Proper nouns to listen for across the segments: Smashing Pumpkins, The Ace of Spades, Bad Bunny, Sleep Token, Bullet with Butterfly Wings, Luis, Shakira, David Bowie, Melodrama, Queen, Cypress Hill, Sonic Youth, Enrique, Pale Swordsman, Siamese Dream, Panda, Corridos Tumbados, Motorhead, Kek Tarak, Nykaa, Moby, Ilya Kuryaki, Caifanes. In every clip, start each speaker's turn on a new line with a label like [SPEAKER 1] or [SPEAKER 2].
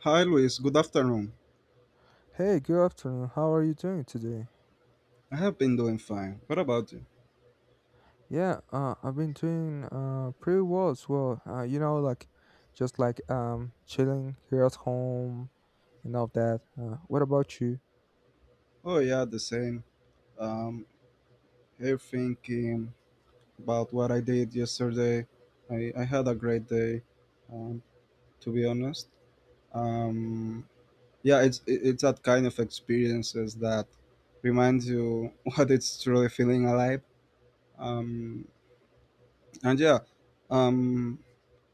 [SPEAKER 1] Hi, Luis. Good afternoon.
[SPEAKER 2] Hey, good afternoon. How are you doing today?
[SPEAKER 1] I have been doing fine. What about you?
[SPEAKER 2] Yeah, I've been doing pretty well as well. Like just like chilling here at home and all that. What about you?
[SPEAKER 1] Oh, yeah, the same. Um, Here thinking about what I did yesterday. I had a great day, um, to be honest. Um, yeah, it's that kind of experiences that reminds you what it's truly feeling alive. Um, and yeah, um,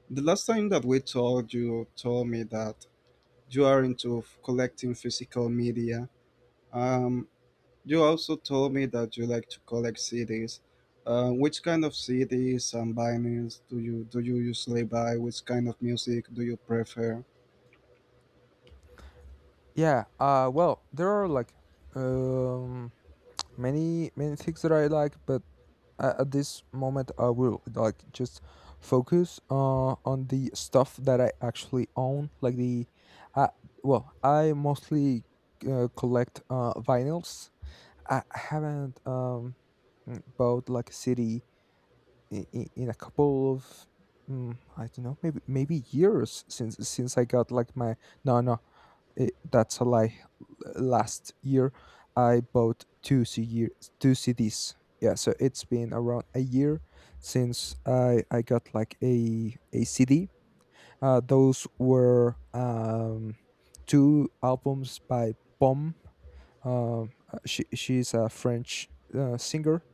[SPEAKER 1] the last time that we talked, you told me that you are into collecting physical media. Um, You also told me that you like to collect CDs. Which kind of CDs and vinyls do you usually buy? Which kind of music do you prefer?
[SPEAKER 2] Yeah. Well, there are like um many things that I like, but at this moment I will like just focus on the stuff that I actually own, like the uh well, I mostly collect vinyls. I haven't bought like a city in, in a couple of I don't know, maybe years, since I got like my... No, no, that's a lie. Last year I bought two CDs. Yeah, so it's been around a year since I got like a CD. Those were two albums by Bomb. She's a French singer.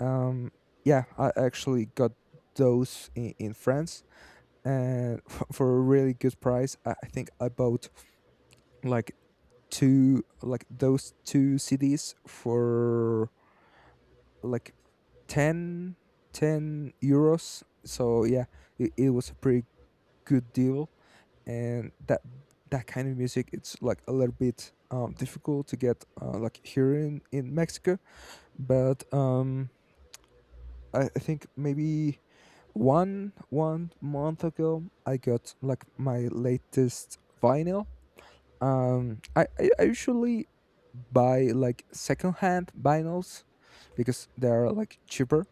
[SPEAKER 2] Um, yeah, I actually got those in France, and for a really good price. I think I bought like two, like those two CDs for like 10 10 euros. So yeah, it was a pretty good deal, and that kind of music, it's like a little bit difficult to get like here in Mexico. But I think maybe one month ago I got like my latest vinyl. I usually buy like secondhand vinyls, because they are like cheaper,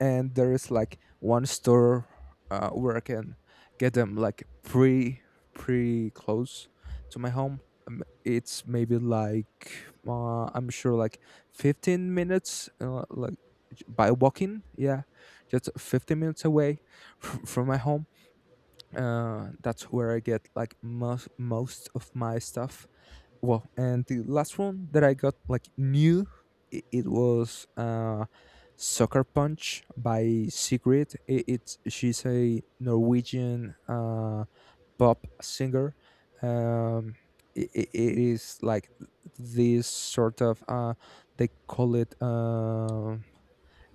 [SPEAKER 2] and there is like one store where I can get them like pre close to my home. It's maybe like I'm sure like 15 minutes like by walking, yeah, just 15 minutes away from my home. That's where I get like most of my stuff. Well, and the last one that I got like new, it was Soccer Punch by Sigrid. It, it's She's a Norwegian pop singer. um it is like this sort of they call it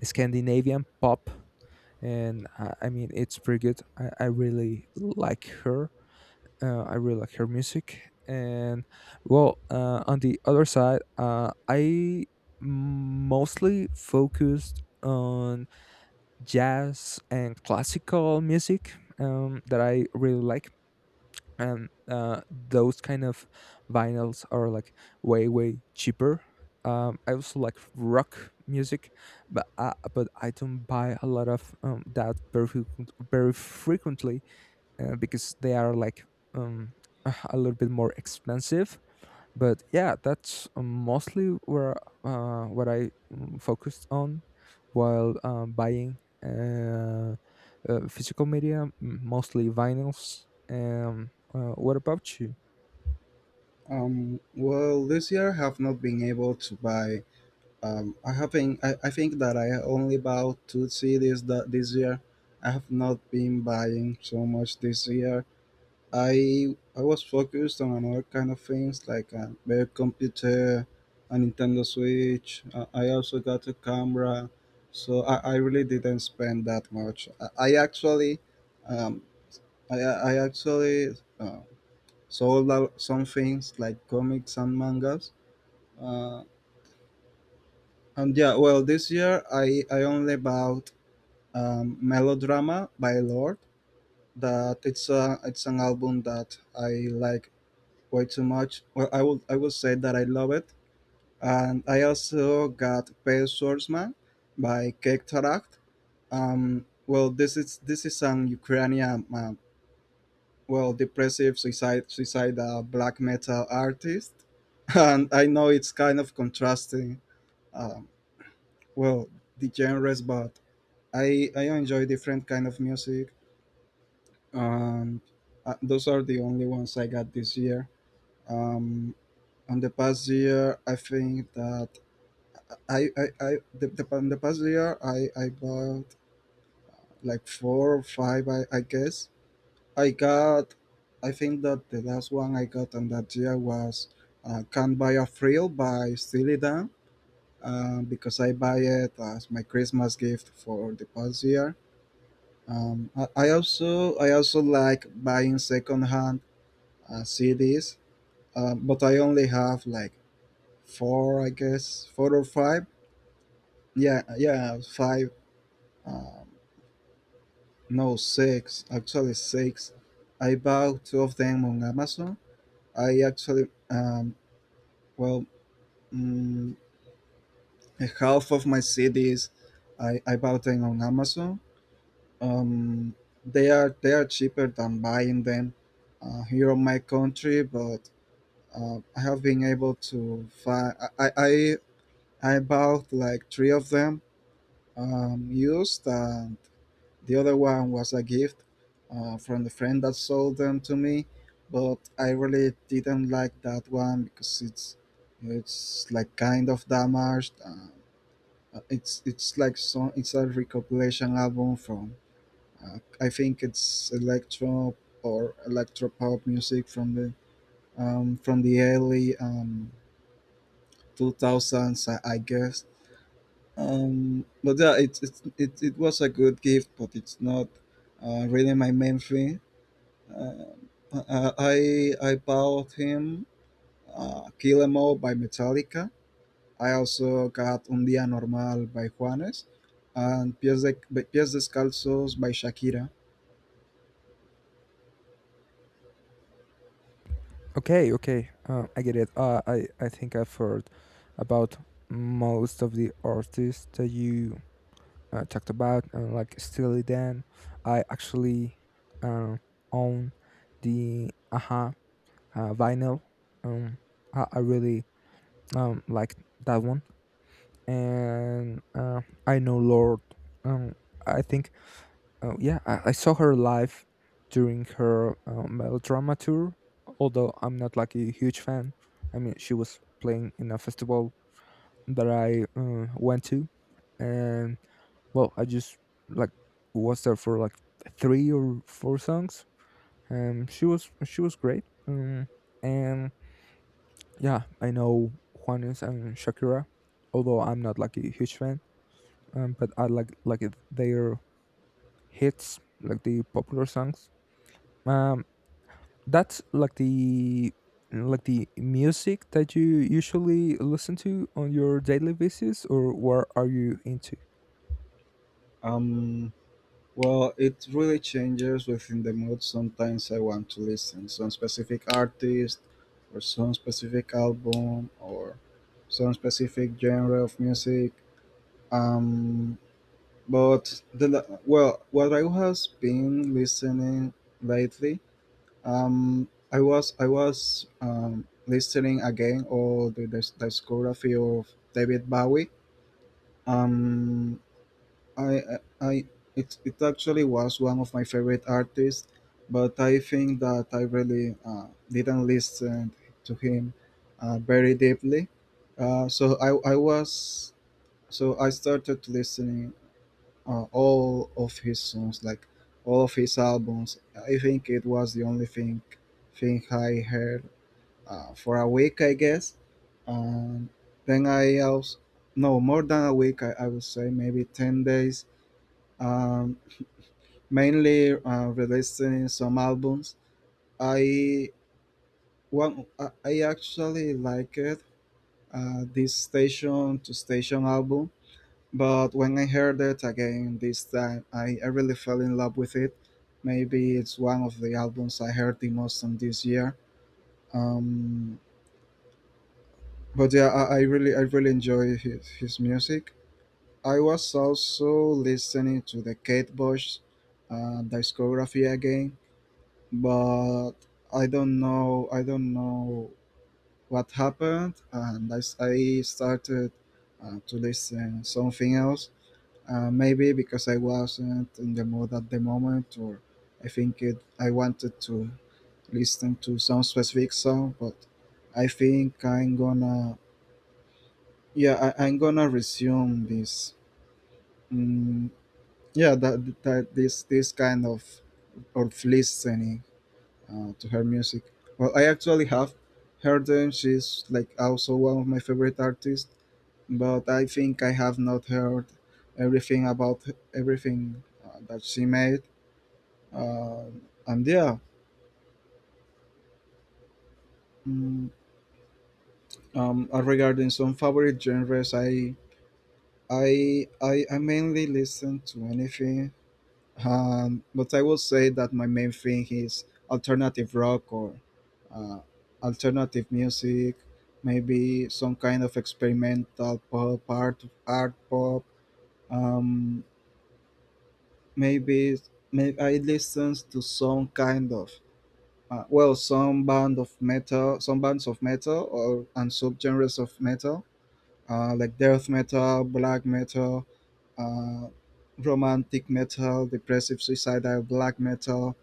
[SPEAKER 2] Scandinavian pop. And I mean, it's pretty good. I really like her. I really like her music. And well, on the other side, I mostly focused on jazz and classical music, that I really like. And those kind of vinyls are like way, way cheaper. I also like rock music, but but I don't buy a lot of that very frequently, because they are like um, a little bit more expensive. But yeah, that's mostly where, what I focused on while buying uh, physical media, mostly vinyls. What about you?
[SPEAKER 1] Well, this year I have not been able to buy. I have been. I think that I only bought two CDs that this year. I have not been buying so much this year. I was focused on another kind of things like a better computer, a Nintendo Switch. I also got a camera, so I really didn't spend that much. Um, I actually sold out some things like comics and mangas. Uh, and yeah, well, this year I only bought Melodrama by Lord. That it's a it's an album that I like quite so much. Well, I will say that I love it, and I also got Pale Swordsman by Kek Tarak. Well, this is an Ukrainian well depressive suicide black metal artist, and I know it's kind of contrasting. Um, well, the genres, but I enjoy different kind of music, and those are the only ones I got this year. Um, on the past year, I think that in the past year I bought like four or five I guess I got I think that the last one I got on that year was Can't Buy a Thrill by Steely Dan, because I buy it as my Christmas gift for the past year. I also like buying secondhand CDs, but I only have like four I guess four or five yeah, five. Uh, No, six. Actually, six. I bought two of them on Amazon. I actually, well, mm, half of my CDs, I bought them on Amazon. Um, they are cheaper than buying them here in my country, but I have been able to find. I I bought like three of them used. The other one was a gift from the friend that sold them to me, but I really didn't like that one because it's like kind of damaged. It's like so it's a recompilation album from I think it's electro or electro pop music from the early 2000s, I guess. But yeah, it was a good gift, but it's not really my main thing. I bought him Kill 'Em All by Metallica. I also got Un Día Normal by Juanes and Pies Descalzos by Shakira.
[SPEAKER 2] Okay, okay, I get it. I think I've heard about most of the artists that you talked about, like Steely Dan. I actually uh, own the Aha vinyl. Um, I really like that one, and I know Lord. Um, I think — yeah, I saw her live during her Melodrama tour. Although I'm not like a huge fan, I mean, she was playing in a festival that I went to, and well, I just like was there for like three or four songs. She was great. And yeah, I know Juanes and Shakira, although I'm not like a huge fan. But I like it, their hits, like the popular songs. Um, that's like the music that you usually listen to on your daily basis, or what are you into?
[SPEAKER 1] Um, well, it really changes within the mood. Sometimes I want to listen some specific artist, or some specific album, or some specific genre of music. Um, But the la- well, What I was been listening lately, I was listening again all the discography of David Bowie. Um, I I it, it actually was one of my favorite artists, but I think that I really didn't listen to him very deeply. Uh, so I I was so I started listening on all of his songs, like all of his albums. I think it was the only thing I heard for a week, I guess. And then I also no more than a week. I would say maybe 10 days. Um, Mainly releasing some albums. I one I actually liked this station to station album. But when I heard it again this time, I really fell in love with it. Maybe it's one of the albums I heard the most on this year. Um, but yeah, I really enjoy his music. I was also listening to the Kate Bush discography again, but I don't know what happened, and I started to listen something else. Maybe because I wasn't in the mood at the moment, or I think I wanted to listen to some specific song, but I think I'm gonna, I'm gonna resume this, mm, yeah, that this this kind of listening to her music. Well, I actually have heard them. She's like also one of my favorite artists, but I think I have not heard everything about everything that she made. And yeah, mm, regarding some favorite genres, I mainly listen to anything. But I will say that my main thing is alternative rock or uh, alternative music, maybe some kind of experimental pop, art pop. Um, maybe, maybe I listen to some kind of well, some bands of metal, or and subgenres of metal, like death metal, black metal, uh, romantic metal, depressive suicidal black metal,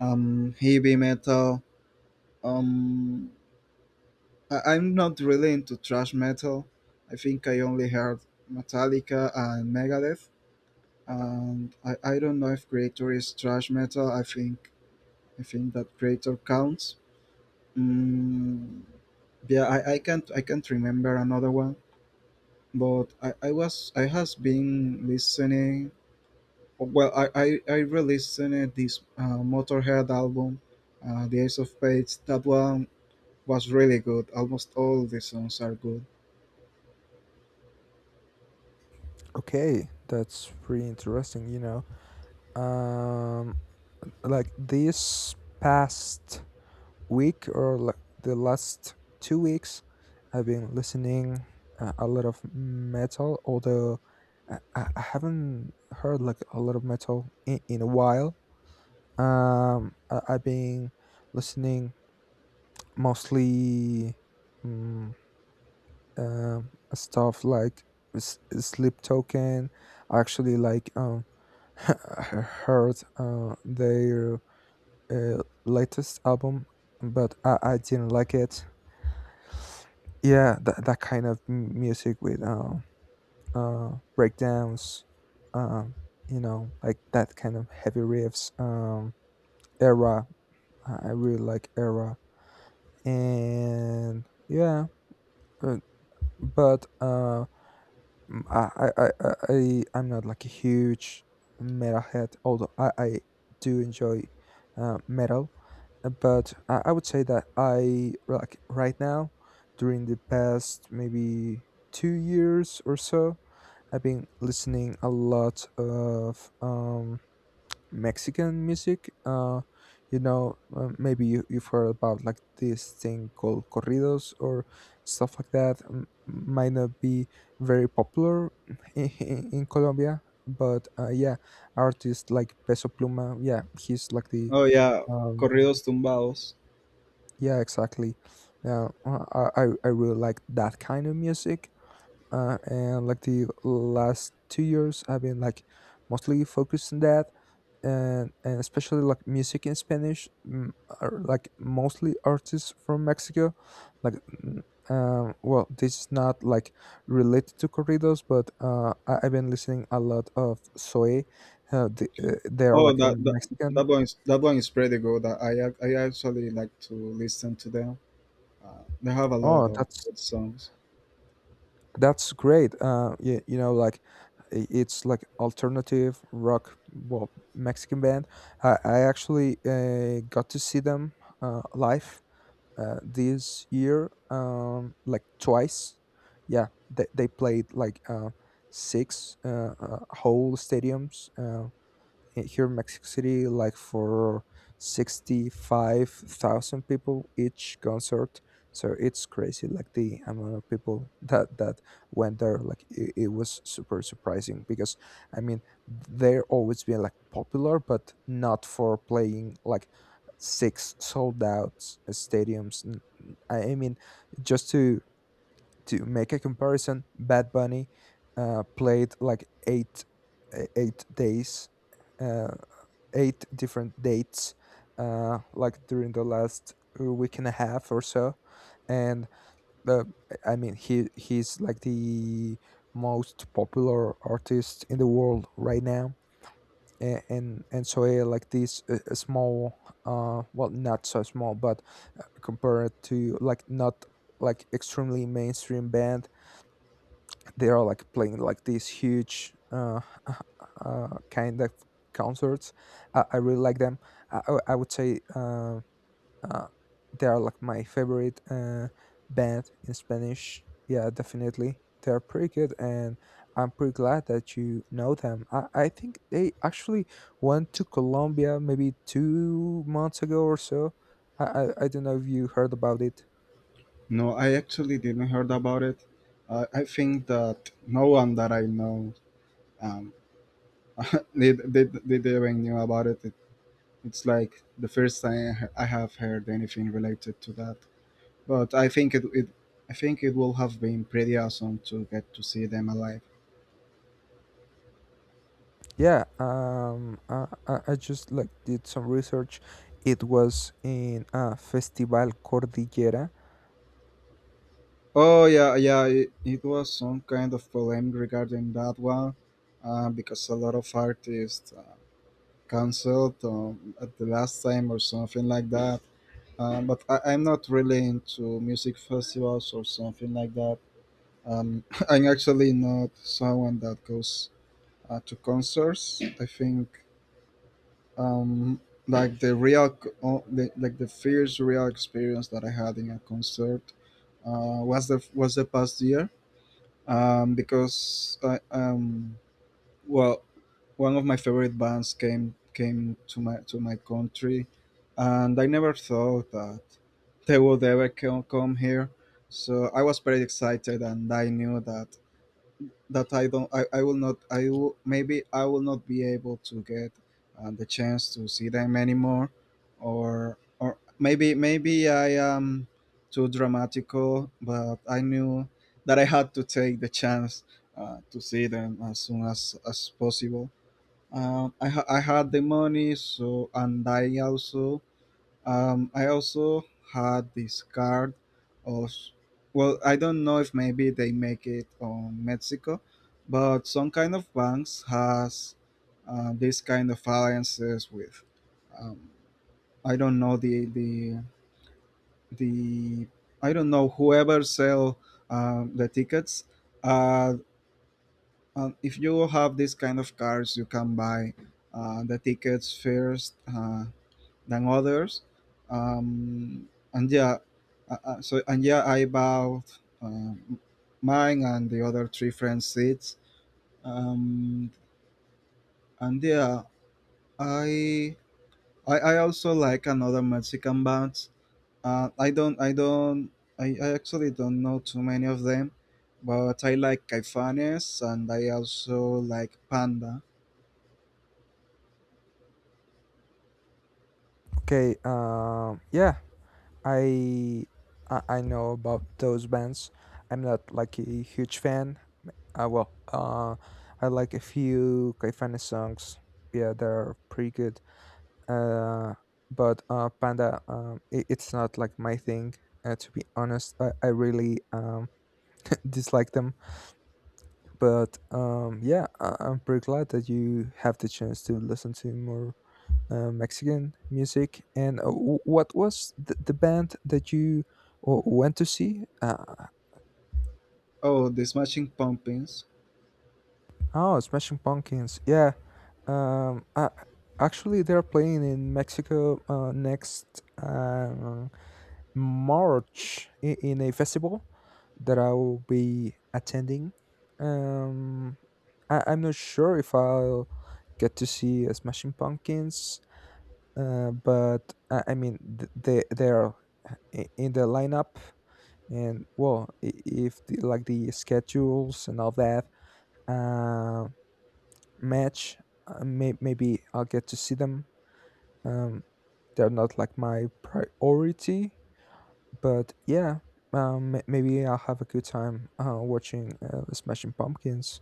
[SPEAKER 1] heavy metal. Um, I'm not really into thrash metal. I think I only heard Metallica and Megadeth, and I don't know if Creator is thrash metal. I think that Creator counts. Mm, yeah, I can't remember another one, but I has been listening. Well, I re-listened this Motorhead album, The Ace of Spades. That one was really good. Almost all the songs are good.
[SPEAKER 2] Okay, that's pretty interesting. Um like this past week, or the last 2 weeks, I've been listening a lot of metal, although I haven't heard like a lot of metal in a while. I've been listening mostly um, stuff like Sleep Token. I actually like heard their latest album, but I didn't like it. Yeah, that kind of music with uh breakdowns. um you know, like that kind of heavy riffs, era. I really like era. And yeah, but, but Mm, I'm not like a huge metal head, although I do enjoy metal. But I would say that I, like, right now, during the past maybe 2 years or so, I've been listening a lot of Mexican music. Maybe you've heard about like this thing called corridos or stuff like that. Might not be very popular in, in Colombia, but yeah, artists like Peso Pluma. Yeah, he's like the
[SPEAKER 1] Oh yeah,
[SPEAKER 2] um,
[SPEAKER 1] Corridos Tumbados.
[SPEAKER 2] yeah, exactly. Yeah, I really like that kind of music. And like the last 2 years, I've been like mostly focused on that, and especially like music in Spanish, are like mostly artists from Mexico. Like, mm, well, this is not like related to corridos, but I've been listening a lot of Zoe. They are
[SPEAKER 1] Oh
[SPEAKER 2] like a
[SPEAKER 1] that that,
[SPEAKER 2] Mexican...
[SPEAKER 1] that one is pretty good. I actually like to listen to them. They have a lot
[SPEAKER 2] Oh,
[SPEAKER 1] of good songs.
[SPEAKER 2] that's great. Like it's like alternative rock, well, Mexican band. I actually got to see them live this year, like twice. Yeah, they played like six whole stadiums here in Mexico City, like for 65,000 people each concert. So it's crazy, like the amount of people that went there. Like it was super surprising, because I mean, they're always been like popular, but not for playing like six sold out stadiums. I mean, just to make a comparison, Bad Bunny played like 8 days. Uh, Eight different dates, like during the last week and a half or so. And uh, I mean, he's like the most popular artist in the world right now. And so yeah, like this small — well, not so small, but compared to like not like extremely mainstream band, they are like playing like these huge kind of concerts. I really like them. I would say uh, they are like my favorite band in Spanish. Yeah, definitely. They are pretty good, and I'm pretty glad that you know them. I think they actually went to Colombia maybe 2 months ago or so. I don't know if you heard about it.
[SPEAKER 1] No, I actually didn't heard about it. I think that no one that I know, um, even knew about it. It's like the first time I have heard anything related to that. But I think it I think it will have been pretty awesome to get to see them alive.
[SPEAKER 2] Yeah, I just like did some research. It was in Festival Cordillera.
[SPEAKER 1] Oh yeah, yeah. It was some kind of problem regarding that one, because a lot of artists canceled at the last time or something like that. But I'm not really into music festivals or something like that. I'm actually not someone that goes to concerts. I think um, like the like the first real experience that I had in a concert was the past year because I well one of my favorite bands came to my country, and I never thought that they would ever come here. So I was pretty excited, and I knew that that I don't, I will not, I will, maybe I will not be able to get the chance to see them anymore, or maybe I am too dramatical, but I knew that I had to take the chance to see them as soon as possible. I had the money, so and I also had this card of, well, I don't know if maybe they make it on Mexico, but some kind of banks has this kind of alliances with, um, I don't know the I don't know whoever sell the tickets. Uh, if you have this kind of cards, you can buy the tickets first. Than others. Um, and yeah, so and Yeah, I bought mine and the other three friends' seats. Um, and yeah, I, I also like another Mexican bands. Uh, I don't I don't I actually don't know too many of them, but I like Caifanes and I also like Panda.
[SPEAKER 2] Okay, yeah, I, I know about those bands. I'm not like a huge fan. Well, I like a few Kaifana songs. Yeah, they're pretty good. Uh, but Panda, it's not like my thing. To be honest, I really dislike them. But yeah, I'm pretty glad that you have the chance to listen to more Mexican music. And what was the band that you went to see?
[SPEAKER 1] Oh, the Smashing Pumpkins.
[SPEAKER 2] Oh, Smashing Pumpkins. Yeah. Um, uh, Actually, they're playing in Mexico next um, March in a festival that I will be attending. Um, I'm not sure if I'll get to see Smashing Pumpkins, but I mean they are in the lineup, and well, if like the schedules and all that uh, match, maybe I'll get to see them. um, they're not like my priority, but yeah, maybe I'll have a good time watching Smashing Pumpkins.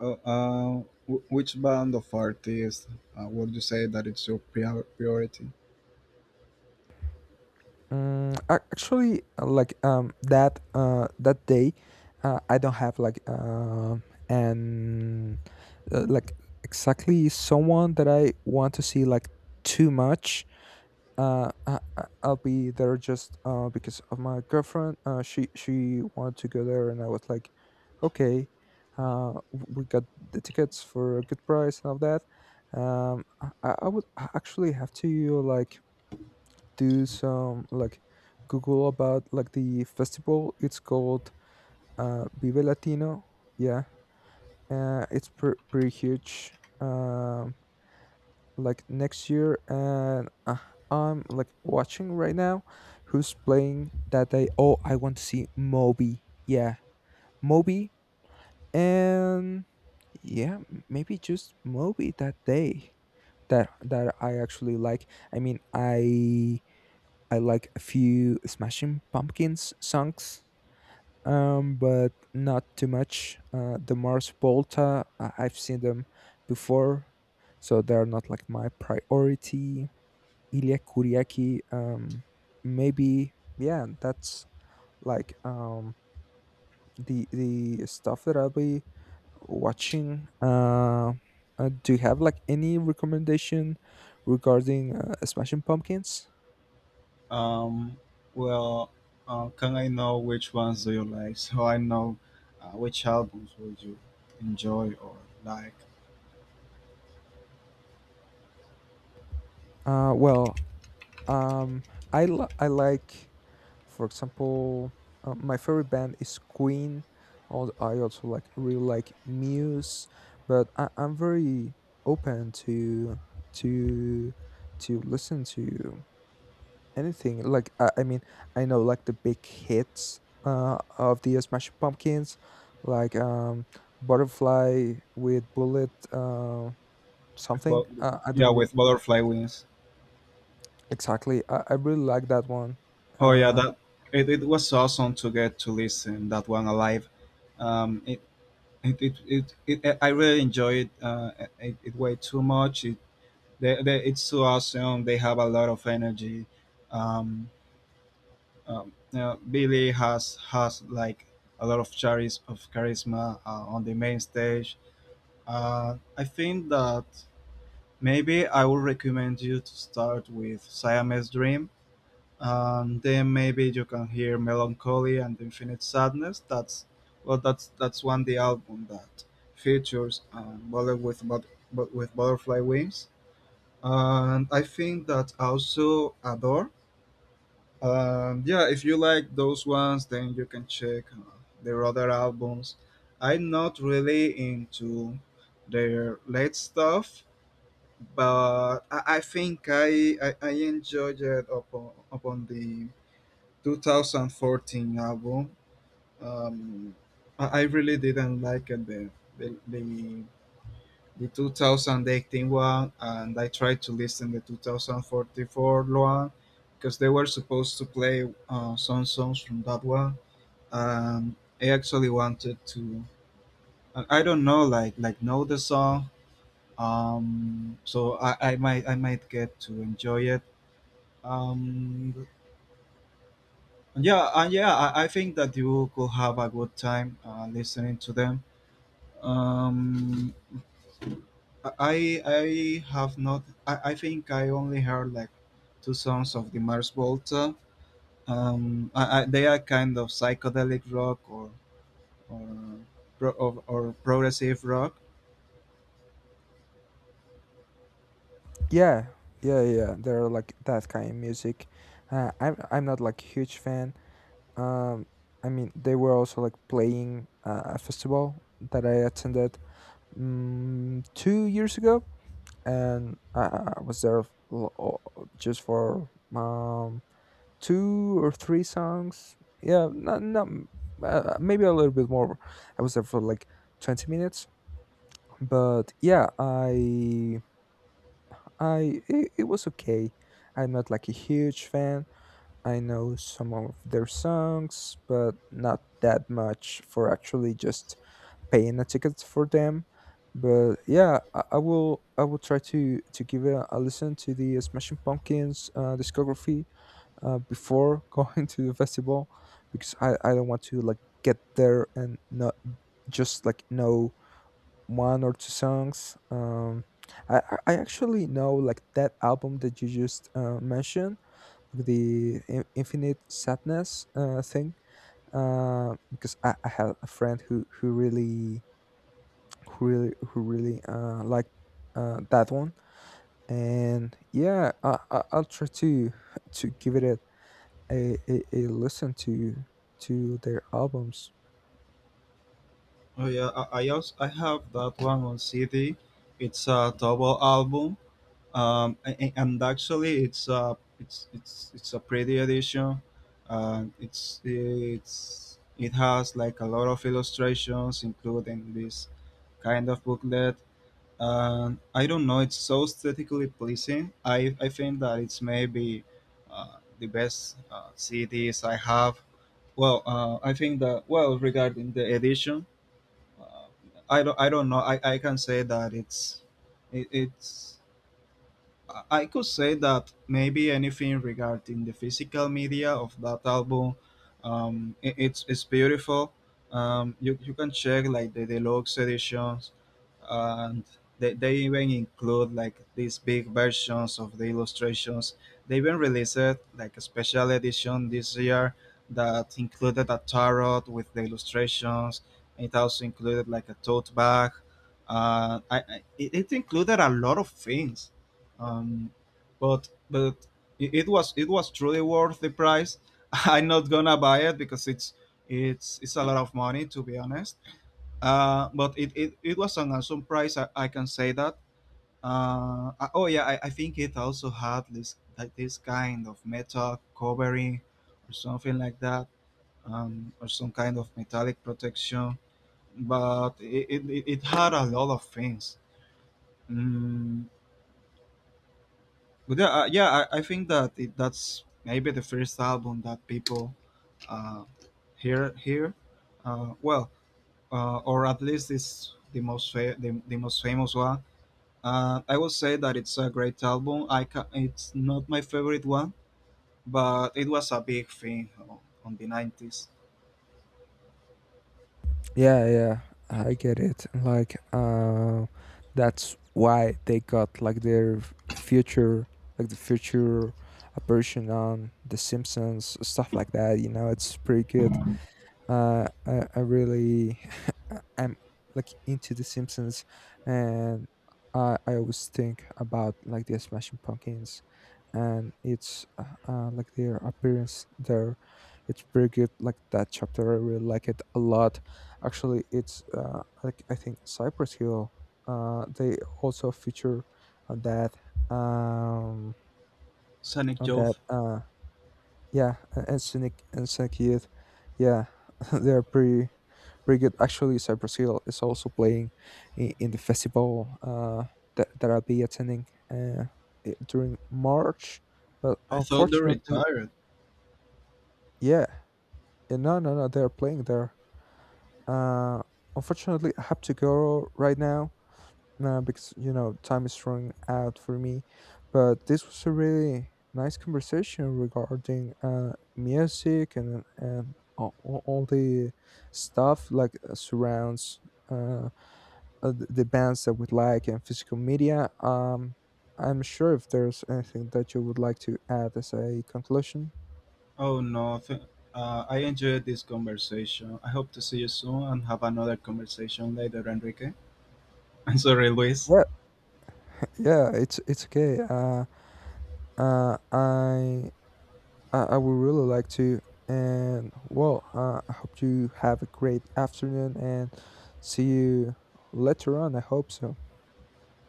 [SPEAKER 1] Oh, uh, which band of artists would you say that it's your priority?
[SPEAKER 2] Mm, actually, like that that day, I don't have like an like exactly someone that I want to see like too much. I'll be there just because of my girlfriend. She wanted to go there, and I was like, okay, we got the tickets for a good price and all that. I would actually have to like do some like Google about like the festival. It's called Vive Latino. Yeah, it's pretty huge. Um, like next year. And I'm like watching right now who's playing that day. Oh, I want to see Moby. Yeah, Moby. And yeah, maybe just Moby that day. That that I actually like. I mean, I like a few Smashing Pumpkins songs, but not too much. The Mars Volta — I've seen them before, so they're not like my priority. Ilya Kuryaki. Maybe — yeah, that's like the stuff that I'll be watching. Do you have like any recommendation regarding Smashing Pumpkins?
[SPEAKER 1] Um, well, can I know which ones do you like so I know which albums would you enjoy or like?
[SPEAKER 2] Well, um, I like, for example, my favorite band is Queen. I also like — really like Muse, but I'm very open to to listen to anything. Like I mean, I know like the big hits of the Smashing Pumpkins, like Butterfly with Bullet,
[SPEAKER 1] With
[SPEAKER 2] something.
[SPEAKER 1] bu-
[SPEAKER 2] I
[SPEAKER 1] yeah,
[SPEAKER 2] don't re-
[SPEAKER 1] with Butterfly Wings.
[SPEAKER 2] Exactly. I really like that one.
[SPEAKER 1] Oh yeah,
[SPEAKER 2] Uh,
[SPEAKER 1] that it was awesome to get to listen that one alive. Um, it, it I really enjoyed it, it way too much. They, it's so awesome. They have a lot of energy. Um, you know, Billy has like a lot of charisma on the main stage. I think that maybe I would recommend you to start with Siamese Dream. Then maybe you can hear Melancholy and Infinite Sadness. That's one the album that features Bullet with with butterfly wings, and I think that also adore. Yeah, if you like those ones, then you can check their other albums. I'm not really into their late stuff, but I think I enjoyed it upon the 2014 album. Um, I really didn't like it the, the the 2018 one, and I tried to listen the 2044 one because they were supposed to play some songs from that one. And I actually wanted to I don't know, like know the song. So I might get to enjoy it. um yeah, I think that you could have a good time listening to them. Um I I have not. I think I only heard like two songs of the Mars Volta. They are kind of psychedelic rock or, or progressive rock.
[SPEAKER 2] Yeah, yeah, yeah. They're like that kind of music. I'm not like huge fan. Um, I mean, they were also like playing a festival that I attended 2 years ago, and I was there l- o- just for two or three songs. Yeah, not maybe a little bit more. I was there for like 20 minutes, but yeah, I it was okay. I'm not like a huge fan. I know some of their songs, but not that much for actually just paying a ticket for them. But yeah, I will try to give a listen to the Smashing Pumpkins discography before going to the festival, because I don't want to like get there and not just like know one or two songs. I actually know like that album that you just mentioned, like the Infinite Sadness thing. Because I had a friend who really liked that one, and yeah, I'll try to give it a listen to their albums.
[SPEAKER 1] Oh yeah, I also I have that one on CD. It's a double album. And actually, it's a pretty edition. It has like a lot of illustrations, including this kind of booklet, and I don't know. It's so aesthetically pleasing. I think that it's maybe the best CDs I have. Well, I think that, well, regarding the edition, uh, I don't know. I can say that it's it, it's I could say that maybe anything regarding the physical media of that album, it's beautiful. You you can check like the deluxe editions, and they even include like these big versions of the illustrations. They even released like a special edition this year that included a tarot with the illustrations. It also included like a tote bag. It it included a lot of things, um, but it was truly worth the price. I'm not gonna buy it because it's a lot of money, to be honest. But it was an awesome price. I can say that. Oh yeah, I think it also had this, like, this kind of metal covering or something like that, or some kind of metallic protection. But it it had a lot of things. Mm, But yeah, I think that that's maybe the first album that people uh, hear here. Uh, well, or at least it's the most the most famous one. I would say that it's a great album. It's not my favorite one, but it was a big thing on the 90s.
[SPEAKER 2] Yeah, yeah, I get it. Like, that's why they got like their future, like the future version on The Simpsons, stuff like that. You know, it's pretty good. I really I'm like into The Simpsons, and I always think about like the Smashing Pumpkins, and it's like their appearance there. It's pretty good. Like that chapter, I really like it a lot. Actually, it's like — I think Cypress Hill. They also feature on that. Um,
[SPEAKER 1] Sonic
[SPEAKER 2] on that.
[SPEAKER 1] Youth.
[SPEAKER 2] Yeah, and Sonic Youth. Yeah, they're pretty good. Actually, so Hill is also playing in the festival that I'll be attending during March. But
[SPEAKER 1] I thought they
[SPEAKER 2] unfortunately —
[SPEAKER 1] retired.
[SPEAKER 2] yeah, yeah, no, no, no, they're playing there. Uh, Unfortunately, I have to go right now because, you know, time is running out for me. But this was a really nice conversation regarding music, and all the stuff like surrounds. Uh, the bands that would like, and physical media. I'm sure if there's anything that you would like to add as a conclusion.
[SPEAKER 1] Oh no. th- I enjoyed this conversation. I hope to see you soon and have another conversation later, Enrique. I'm sorry, Luis.
[SPEAKER 2] Yeah, yeah, it's okay. Uh, I I would really like to, and well, I hope you have a great afternoon and see you later on. I hope so.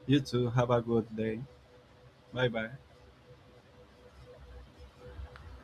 [SPEAKER 1] You too, have a good day. Bye bye.